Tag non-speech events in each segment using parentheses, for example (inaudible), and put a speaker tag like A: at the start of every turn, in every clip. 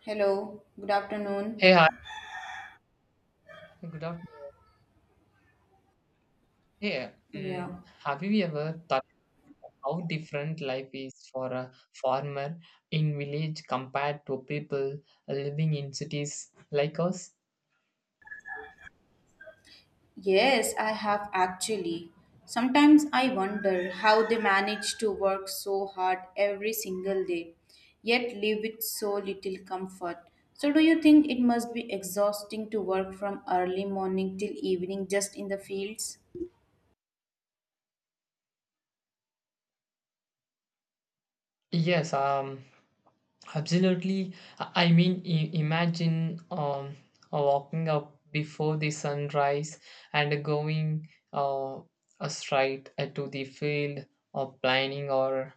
A: Hello, good afternoon.
B: Hey, hi. Good afternoon. Hey,
A: Yeah.
B: have you ever thought how different life is for a farmer in village compared to people living in cities like us?
A: Yes, I have actually. Sometimes I wonder how they manage to work so hard every single day, yet live with so little comfort. So, do you think it must be exhausting to work from early morning till evening just in the fields?
B: Yes, absolutely. I mean, imagine walking up before the sunrise and going uh, straight to the field or planting or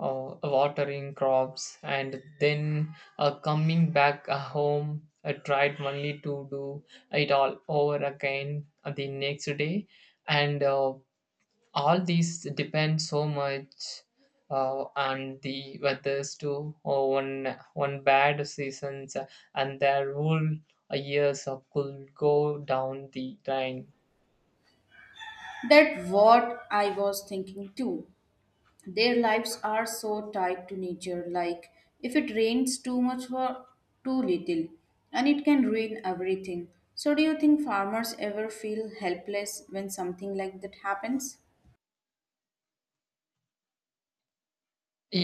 B: watering crops and then coming back home. I tried only to do it all over again the next day and all these depend so much on the weathers too or one bad seasons and their whole years of could go down the drain.
A: That what I was thinking too. Their lives are so tied to nature, like if it rains too much or too little, and it can ruin everything. So, do you think farmers ever feel helpless when something like that happens?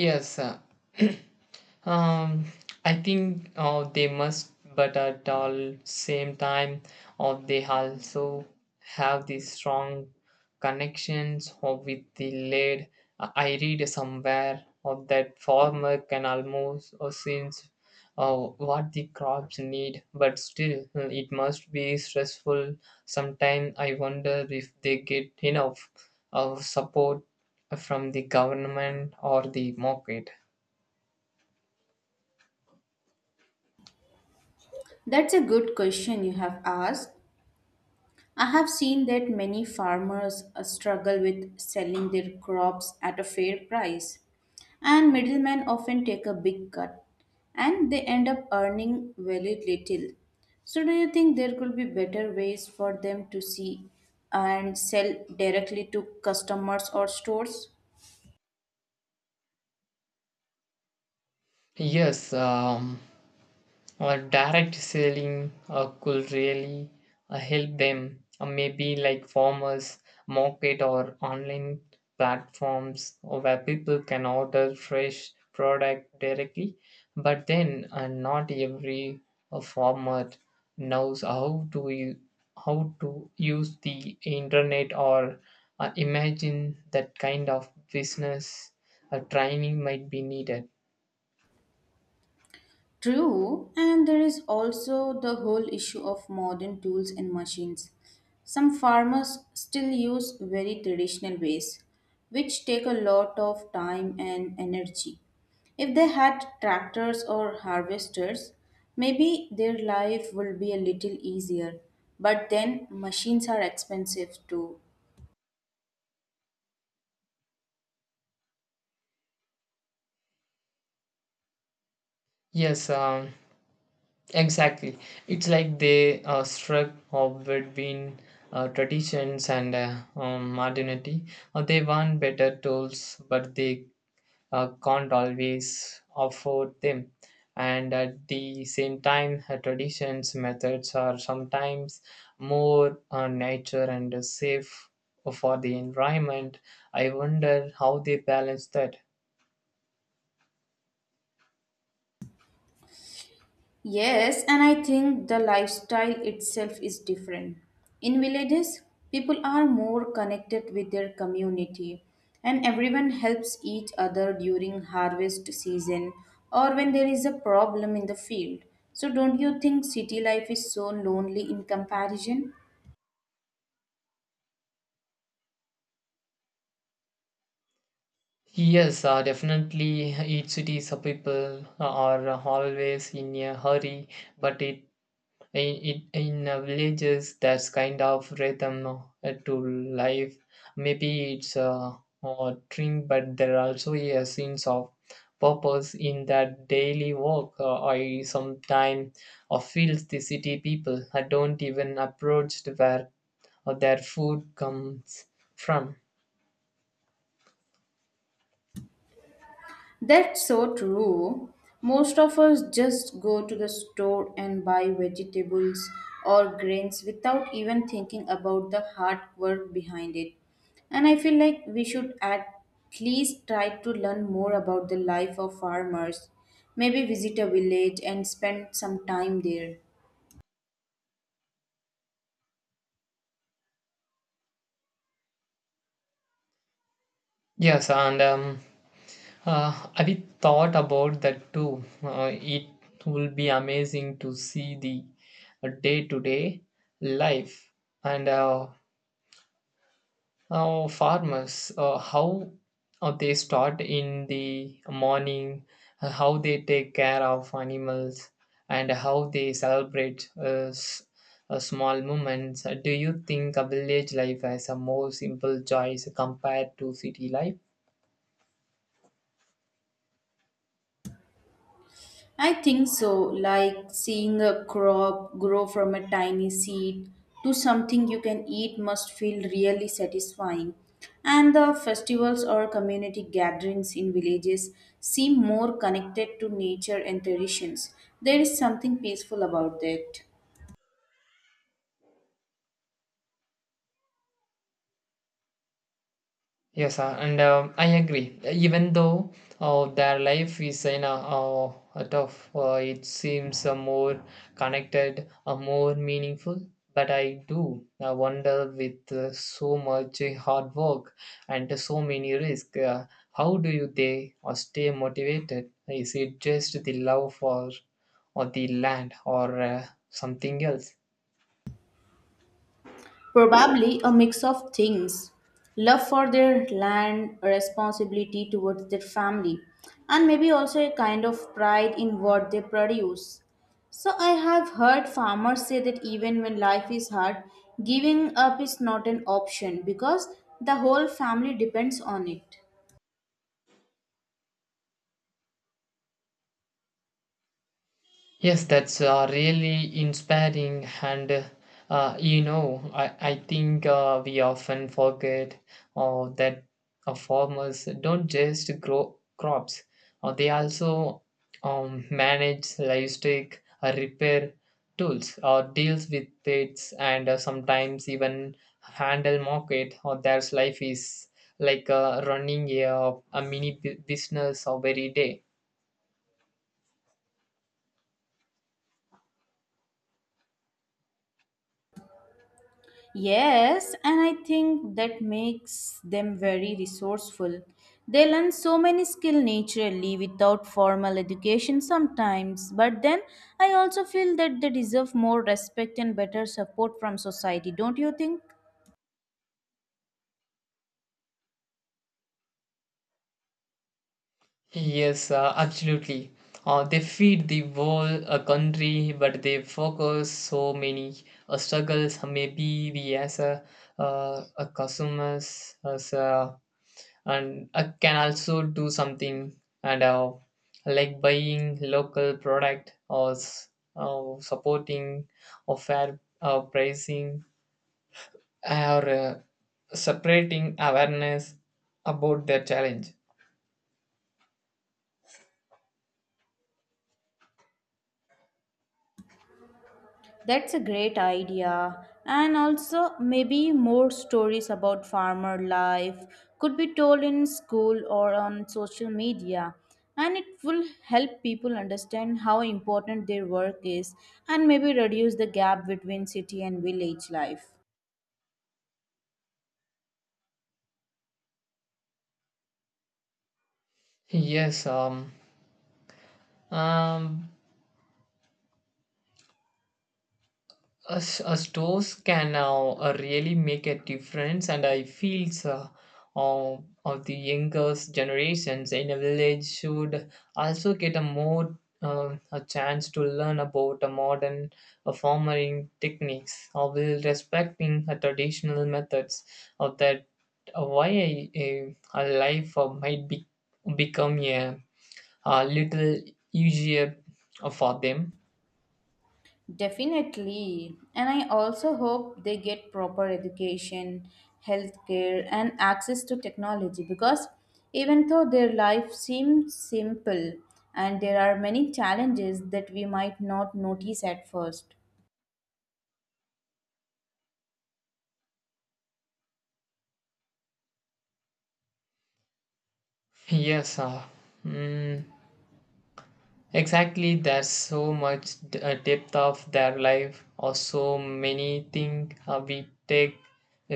B: Yes, (clears throat) Um, I think they must, but at all same time, or they also have these strong connections or with the lead. I read somewhere of that farmer can almost or since what the crops need, but still it must be stressful. Sometimes I wonder if they get enough of support from the government or the market.
A: That's a good question you have asked. I have seen that many farmers struggle with selling their crops at a fair price, and middlemen often take a big cut and they end up earning very little. So, do you think there could be better ways for them to see and sell directly to customers or stores?
B: Yes, direct selling could really help them. Maybe like farmers market or online platforms where people can order fresh product directly. But then not every farmer knows how to use the internet or imagine that kind of business training might be needed.
A: True, and there is also the whole issue of modern tools and machines. Some farmers still use very traditional ways, which take a lot of time and energy. If they had tractors or harvesters, maybe their life would be a little easier. But then machines are expensive too.
B: Yes, exactly. It's like they struck up between traditions and modernity. They want better tools, but they can't always afford them. And at the same time, traditions methods are sometimes more nature and safe for the environment. I wonder how they balance that.
A: Yes, and I think the lifestyle itself is different. In villages, people are more connected with their community and everyone helps each other during harvest season or when there is a problem in the field. So, don't you think city life is so lonely in comparison?
B: Yes, definitely. Each city's people are always in a hurry, but it in villages that's kind of rhythm to life. Maybe it's a dream, but there are also a sense of purpose in that daily work. I sometimes feel the city people don't even approach where their food comes from.
A: That's so true. Most of us just go to the store and buy vegetables or grains without even thinking about the hard work behind it. And I feel like we should at least try to learn more about the life of farmers. Maybe visit a village and spend some time there.
B: Yes, and I thought about that too. It will be amazing to see the day to day life and how farmers, how they start in the morning, how they take care of animals, and how they celebrate small moments. Do you think a village life has a more simple choice compared to city life?
A: I think so, like seeing a crop grow from a tiny seed to something you can eat must feel really satisfying. And the festivals or community gatherings in villages seem more connected to nature and traditions. There is something peaceful about that.
B: Yes, and I agree. Even though their life is in a tough, it seems more connected, more meaningful. But I do wonder with so much hard work and so many risks, how do you they or stay motivated? Is it just the love for or the land or something else?
A: Probably a mix of things: love for their land, responsibility towards their family, and maybe also a kind of pride in what they produce. So, I have heard farmers say that even when life is hard, giving up is not an option because the whole family depends on it.
B: Yes, that's really inspiring, and I think we often forget that farmers don't just grow crops, they also manage livestock, repair tools, or deals with pets, and sometimes even handle market. Or their life is like running a mini business every day.
A: Yes, and I think that makes them very resourceful. They learn so many skills naturally without formal education sometimes, but then I also feel that they deserve more respect and better support from society, don't you think?
B: Yes, absolutely. They feed the whole country, but they focus so many struggles. Maybe we as a consumers as a, and can also do something and like buying local product or supporting or fair pricing or separating awareness about their challenge.
A: That's a great idea. And also, maybe more stories about farmer life could be told in school or on social media. And it will help people understand how important their work is and maybe reduce the gap between city and village life.
B: Yes, um, us, stores can now really make a difference, and I feel of the younger generations in a village should also get a more a chance to learn about a modern farming techniques while respecting traditional methods of that why a life might be, become a little easier for them.
A: Definitely. And I also hope they get proper education, healthcare, and access to technology, because even though their life seems simple, and there are many challenges that we might not notice at first.
B: Yes, mm, exactly, there's so much depth of their life, or so many things we take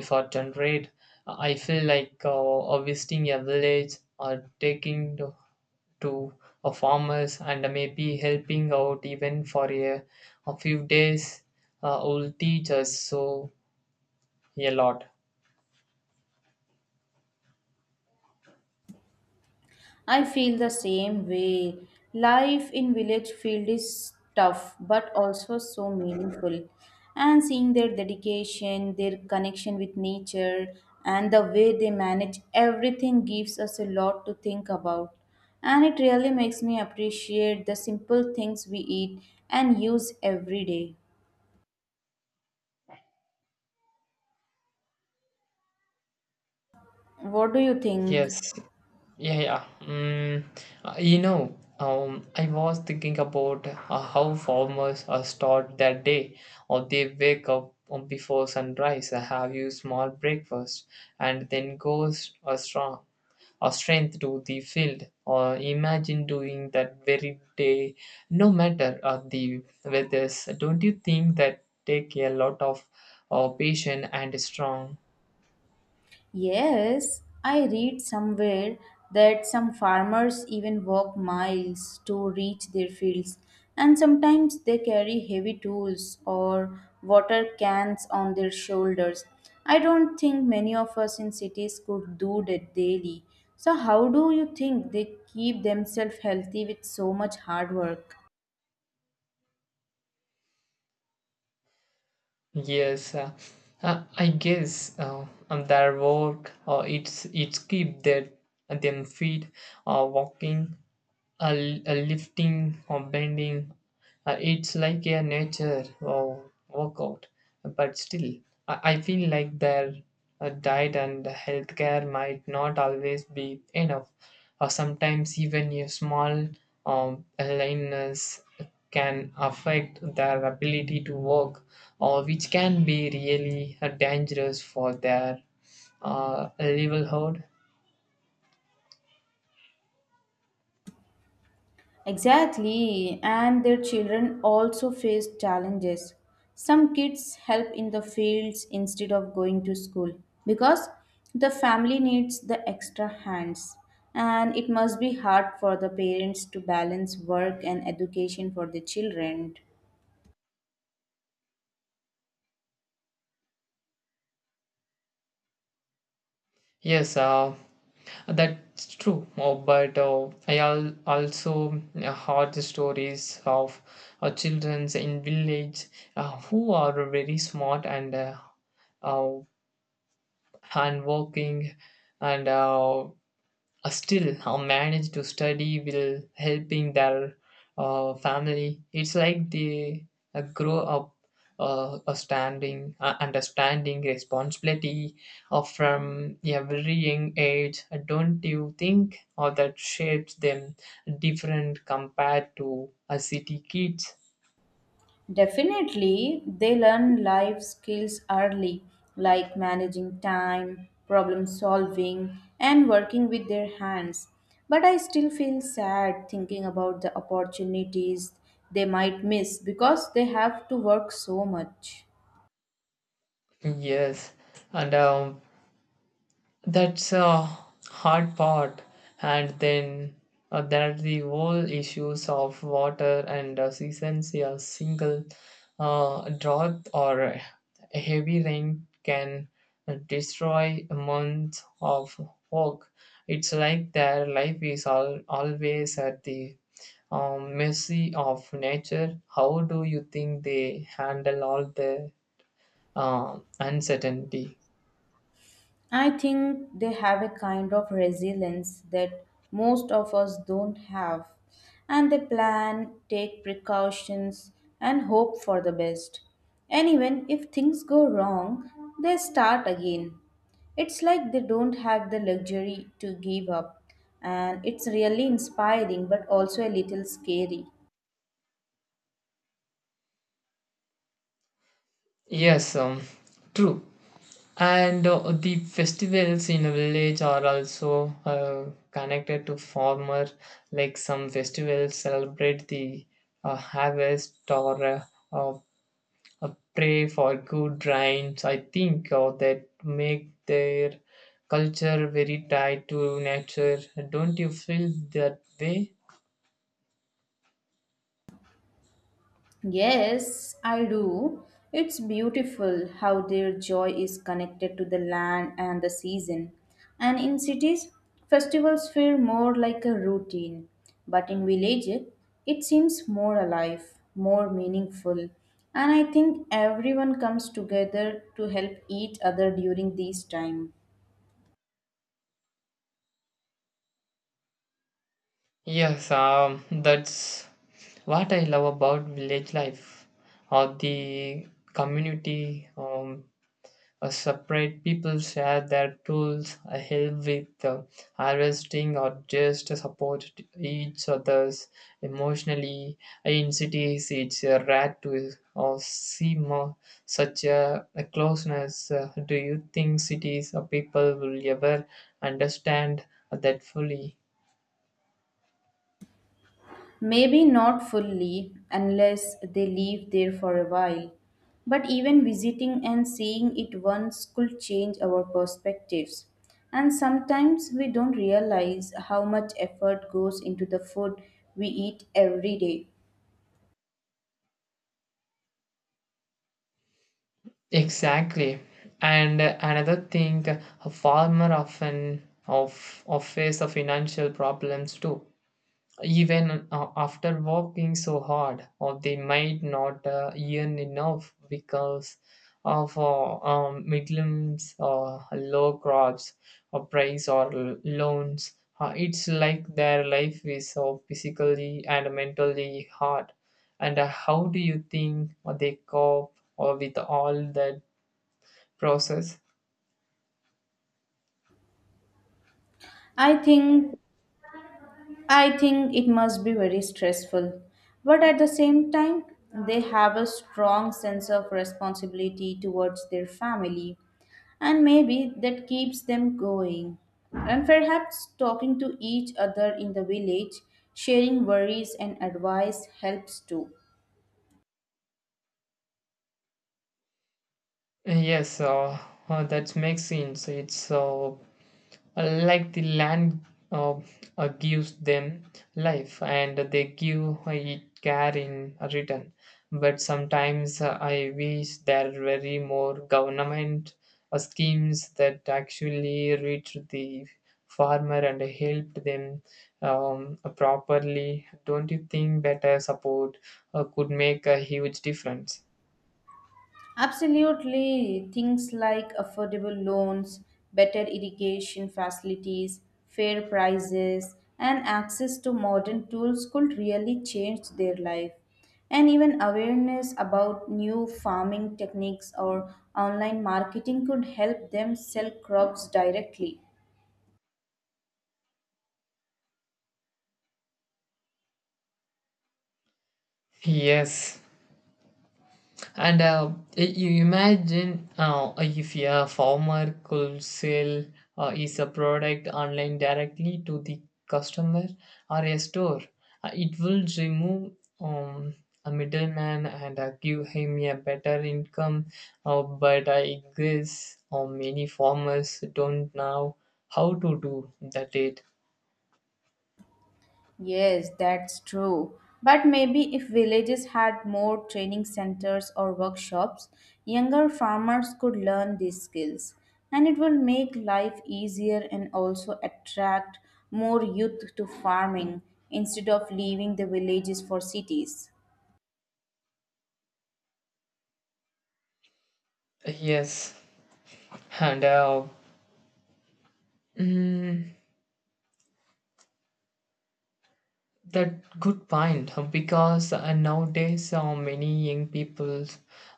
B: for granted. I feel like visiting a village or taking to a farmers and maybe helping out even for a few days will teach us so a lot.
A: I feel the same way. Life in village field is tough but also so meaningful. And seeing their dedication, their connection with nature, and the way they manage everything gives us a lot to think about. And it really makes me appreciate the simple things we eat and use every day. What do you think?
B: Yes. Yeah, yeah. I was thinking about how farmers start their day, or they wake up before sunrise, have you small breakfast, and then goes a strength to the field. Or imagine doing that very day, no matter the weather. Don't you think that take a lot of patience and strong?
A: Yes, I read somewhere that some farmers even walk miles to reach their fields, and sometimes they carry heavy tools or water cans on their shoulders. I don't think many of us in cities could do that daily. So, how do you think they keep themselves healthy with so much hard work?
B: Yes, I guess on their work, or it's keep their them feet walking, a lifting or bending. It's like a nature or workout, but still, I feel like their diet and healthcare might not always be enough. Or sometimes even a small illness can affect their ability to work, or which can be really dangerous for their livelihood.
A: Exactly, and their children also face challenges. Some kids help in the fields instead of going to school because the family needs the extra hands, and it must be hard for the parents to balance work and education for the children.
B: Yes, that's true, oh, but I also heard the stories of children in village who are very smart and uh, hand working and still, I manage to study will helping their family. It's like they grow up understanding responsibility from a very young age. Don't you think? Or that shapes them different compared to city kids.
A: Definitely, they learn life skills early, like managing time, problem solving, and working with their hands. But I still feel sad thinking about the opportunities they might miss because they have to work so much.
B: Yes, and that's a hard part. And then there are the whole issues of water and seasons. A single drought or a heavy rain can destroy months of work. It's like their life is always at the mercy of nature. How do you think they handle all the uncertainty?
A: I think they have a kind of resilience that most of us don't have, and they plan, take precautions, and hope for the best. And even if things go wrong, they start again. It's like they don't have the luxury to give up, and it's really inspiring but also a little scary.
B: Yes, true. And the festivals in a village are also connected to farmer, like some festivals celebrate the harvest or uh, pray for good rains, I think, or that make their culture very tied to nature. Don't you feel that way?
A: Yes, I do. It's beautiful how their joy is connected to the land and the season. And in cities, festivals feel more like a routine, but in villages, it seems more alive, more meaningful. And I think everyone comes together to help each other during these time.
B: Yes, that's what I love about village life or the community. A separate. People share their tools, help with harvesting, or just support each other's emotionally. In cities, it's rare to see more such a closeness. Do you think cities or people will ever understand that fully?
A: Maybe not fully, unless they live there for a while. But even visiting and seeing it once could change our perspectives. And sometimes we don't realize how much effort goes into the food we eat every day.
B: Exactly. And another thing, a farmer often of face of financial problems too, even after working so hard, or they might not earn enough because of midlands or low crops or price or loans. Uh, it's like their life is so physically and mentally hard. And how do you think they cope or with all that process?
A: I think I think it must be very stressful. But at the same time, they have a strong sense of responsibility towards their family, and maybe that keeps them going. And perhaps talking to each other in the village, sharing worries and advice helps too.
B: Yes, that makes sense. It's like the land uh, gives them life, and they give it care in return. But sometimes I wish there were more government schemes that actually reach the farmer and helped them properly. Don't you think better support could make a huge difference?
A: Absolutely. Things like affordable loans, better irrigation facilities, fair prices, and access to modern tools could really change their life. And even awareness about new farming techniques or online marketing could help them sell crops directly.
B: Yes. And you imagine if a farmer could sell is a product online directly to the customer or a store, it will remove um, a middleman and give him a better income. But I guess many farmers don't know how to do that. It
A: Yes, that's true. But maybe if villages had more training centers or workshops, younger farmers could learn these skills. And it will make life easier and also attract more youth to farming instead of leaving the villages for cities.
B: Yes, and mm, that good point, because nowadays many young people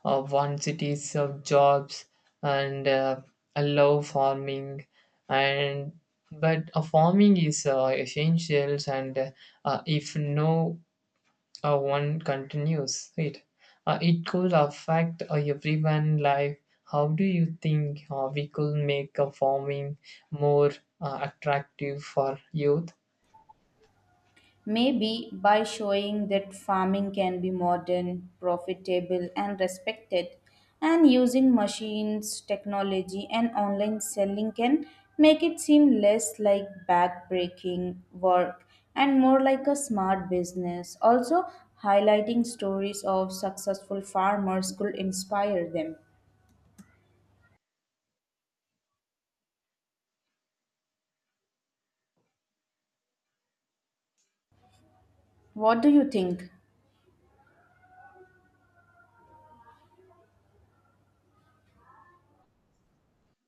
B: want cities of jobs and love farming and but farming is essentials, and if no one continues it, it could affect everyone life. How do you think we could make farming more attractive for youth?
A: Maybe by showing that farming can be modern, profitable, and respected, and using machines, technology, and online selling can make it seem less like backbreaking work and more like a smart business. Also, highlighting stories of successful farmers could inspire them. What do you think?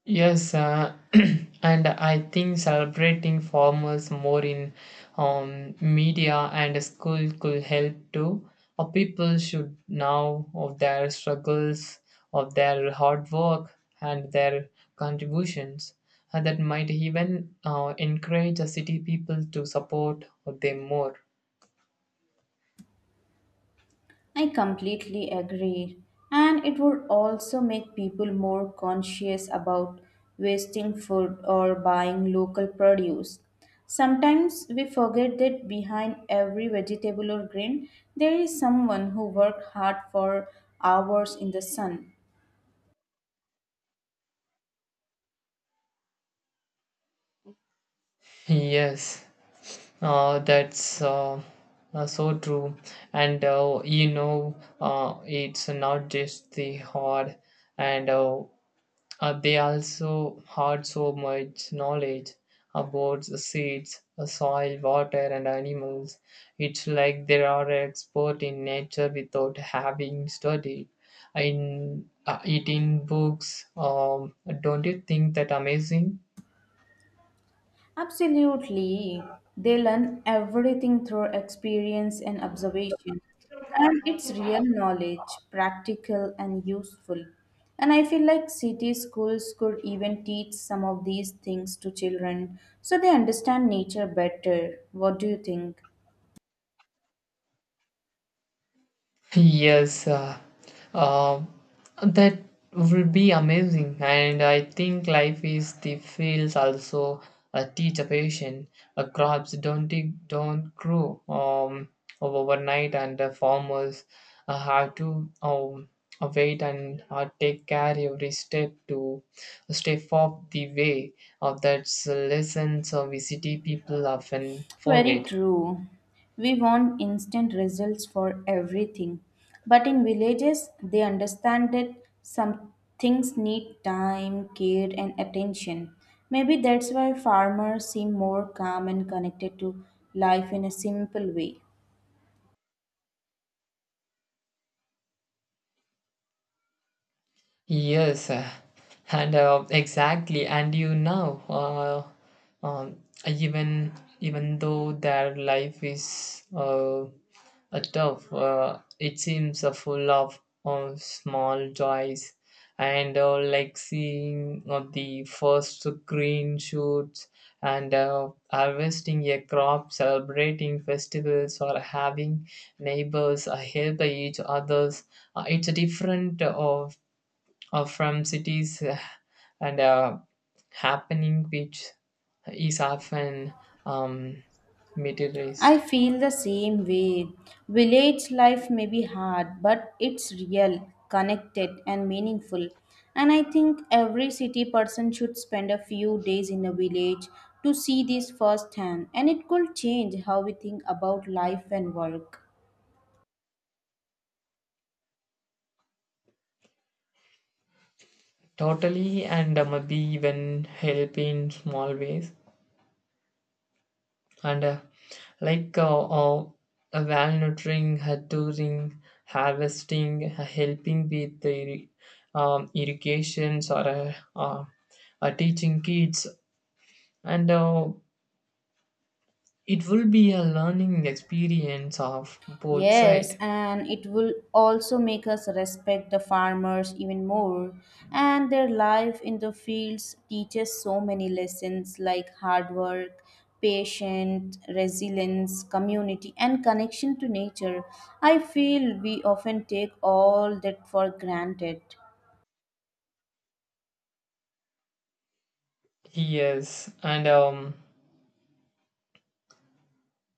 B: Yes, (clears throat) and I think celebrating farmers more in media and school could help too. Or people should know of their struggles, of their hard work, and their contributions. And that might even encourage the city people to support them more.
A: I completely agree. And it would also make people more conscious about wasting food or buying local produce. Sometimes we forget that behind every vegetable or grain, there is someone who worked hard for hours in the sun.
B: Yes, that's so true. And it's not just the hard, and they also had so much knowledge about the seeds, soil, water, and animals. It's like they are expert in nature without having studied in it in books. Don't you think that amazing?
A: Absolutely. They learn everything through experience and observation. And it's real knowledge, practical and useful. And I feel like city schools could even teach some of these things to children so they understand nature better. What do you think?
B: Yes, uh, that will be amazing. And I think life is the fields also teach a patient. Crops don't grow overnight, and the farmers have to wait and take care every step to step off the way. That's lessons we city people often
A: Very
B: forget.
A: true. We want instant results for everything. But in villages, they understand that some things need time, care, and attention. Maybe that's why farmers seem more calm and connected to life in a simple way.
B: Yes, and exactly, and um, even even though their life is tough, it seems full of small joys, and like seeing the first green shoots, and harvesting a crop, celebrating festivals, or having neighbors help each others. It's a different from cities and happening which is often um,
A: I
B: materialized.
A: feel the same way. Village life may be hard, but it's real, connected, and meaningful. And I think every city person should spend a few days in a village to see this firsthand, and it could change how we think about life and work.
B: Totally, and maybe even help in small ways and like a well-nurturing, touring, harvesting, helping with the irrigations or teaching kids, and it will be a learning experience of both
A: Yes,
B: side.
A: and it will also make us respect the farmers even more. And their life in the fields teaches so many lessons like hard work, patience, resilience, community, and connection to nature. I feel we often take all that for granted.
B: Yes, and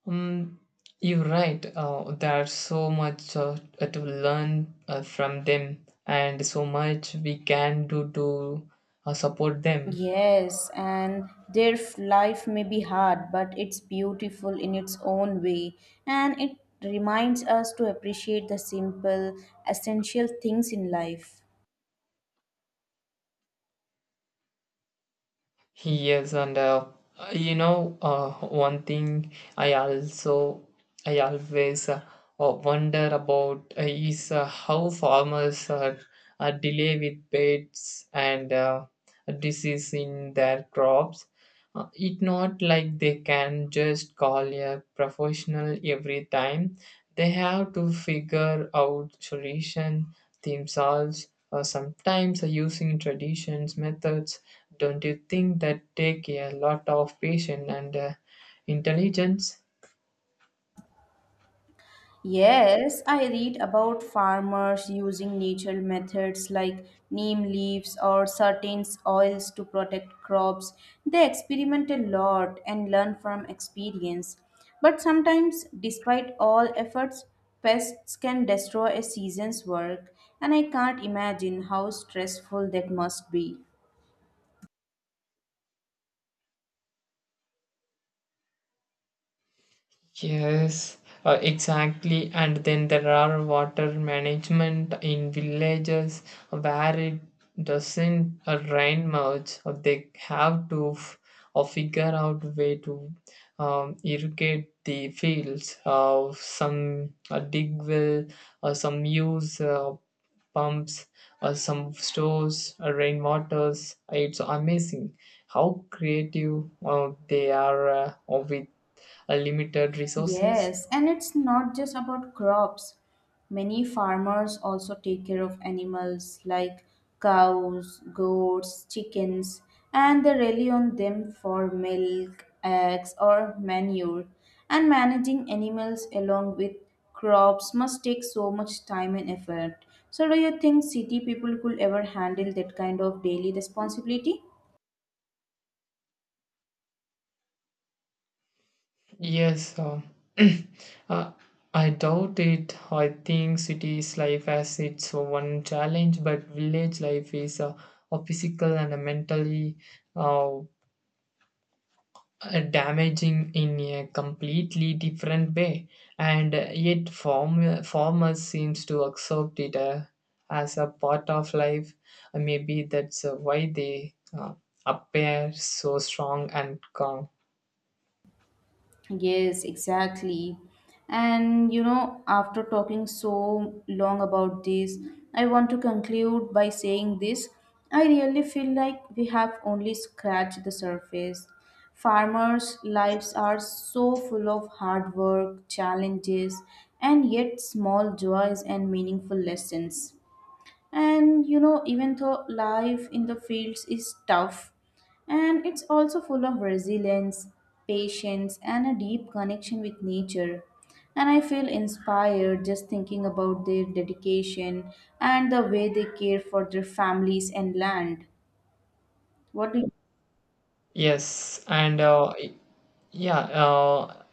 B: mm, you're right. There's so much to learn from them, and so much we can do to support them.
A: Yes, and their life may be hard, but it's beautiful in its own way. And it reminds us to appreciate the simple, essential things in life.
B: Yes, and one thing I always wonder about is how farmers are delay with pests and disease in their crops. It not like they can just call a professional every time. They have to figure out solution themselves. Sometimes using traditions methods. Don't you think that take a lot of patience and intelligence?
A: Yes, I read about farmers using natural methods like neem leaves or certain oils to protect crops. They experiment a lot and learn from experience. But sometimes, despite all efforts, pests can destroy a season's work, and I can't imagine how stressful that must be.
B: Yes, exactly. And then there are water management in villages where it doesn't rain much. They have to figure out way to irrigate the fields. Some dig well, some use pumps, some stores rainwaters. It's amazing how creative they are with limited resources.
A: Yes, and it's not just about crops. Many farmers also take care of animals like cows, goats, chickens, and they rely on them for milk, eggs, or manure. And managing animals along with crops must take so much time and effort. So, do you think city people could ever handle that kind of daily responsibility?
B: Yes, (clears throat) uh, I doubt it. I think cities life has its one challenge, but village life is a physical and a mentally uh, damaging in a completely different way. And yet, farmers seems to accept it as a part of life. Maybe that's why they appear so strong and calm.
A: Yes, exactly. And you know, after talking so long about this, I want to conclude by saying this. I really feel like we have only scratched the surface. Farmers' lives are so full of hard work, challenges, and yet small joys and meaningful lessons. And you know, even though life in the fields is tough, and it's also full of resilience, patience, and a deep connection with nature, and I feel inspired just thinking about their dedication and the way they care for their families and land. What do you?
B: Yes, and yeah,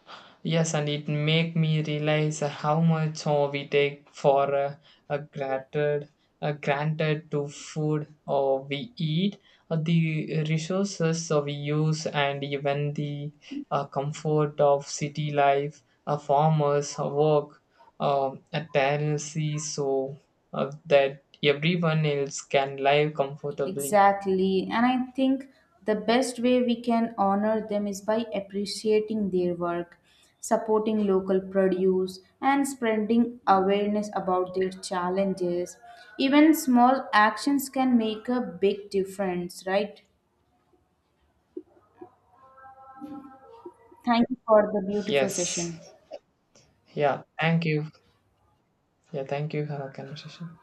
B: yes, and it make me realize how much we take for uh, granted, granted to food or we eat, the resources we use, and even the comfort of city life, farmers, work, a tendency so that everyone else can live comfortably.
A: Exactly. And I think the best way we can honor them is by appreciating their work, supporting local produce, and spreading awareness about their challenges. Even small actions can make a big difference, right? Thank you for the beautiful
B: Yes,
A: session.
B: yeah, thank you. Yeah, thank you for our conversation.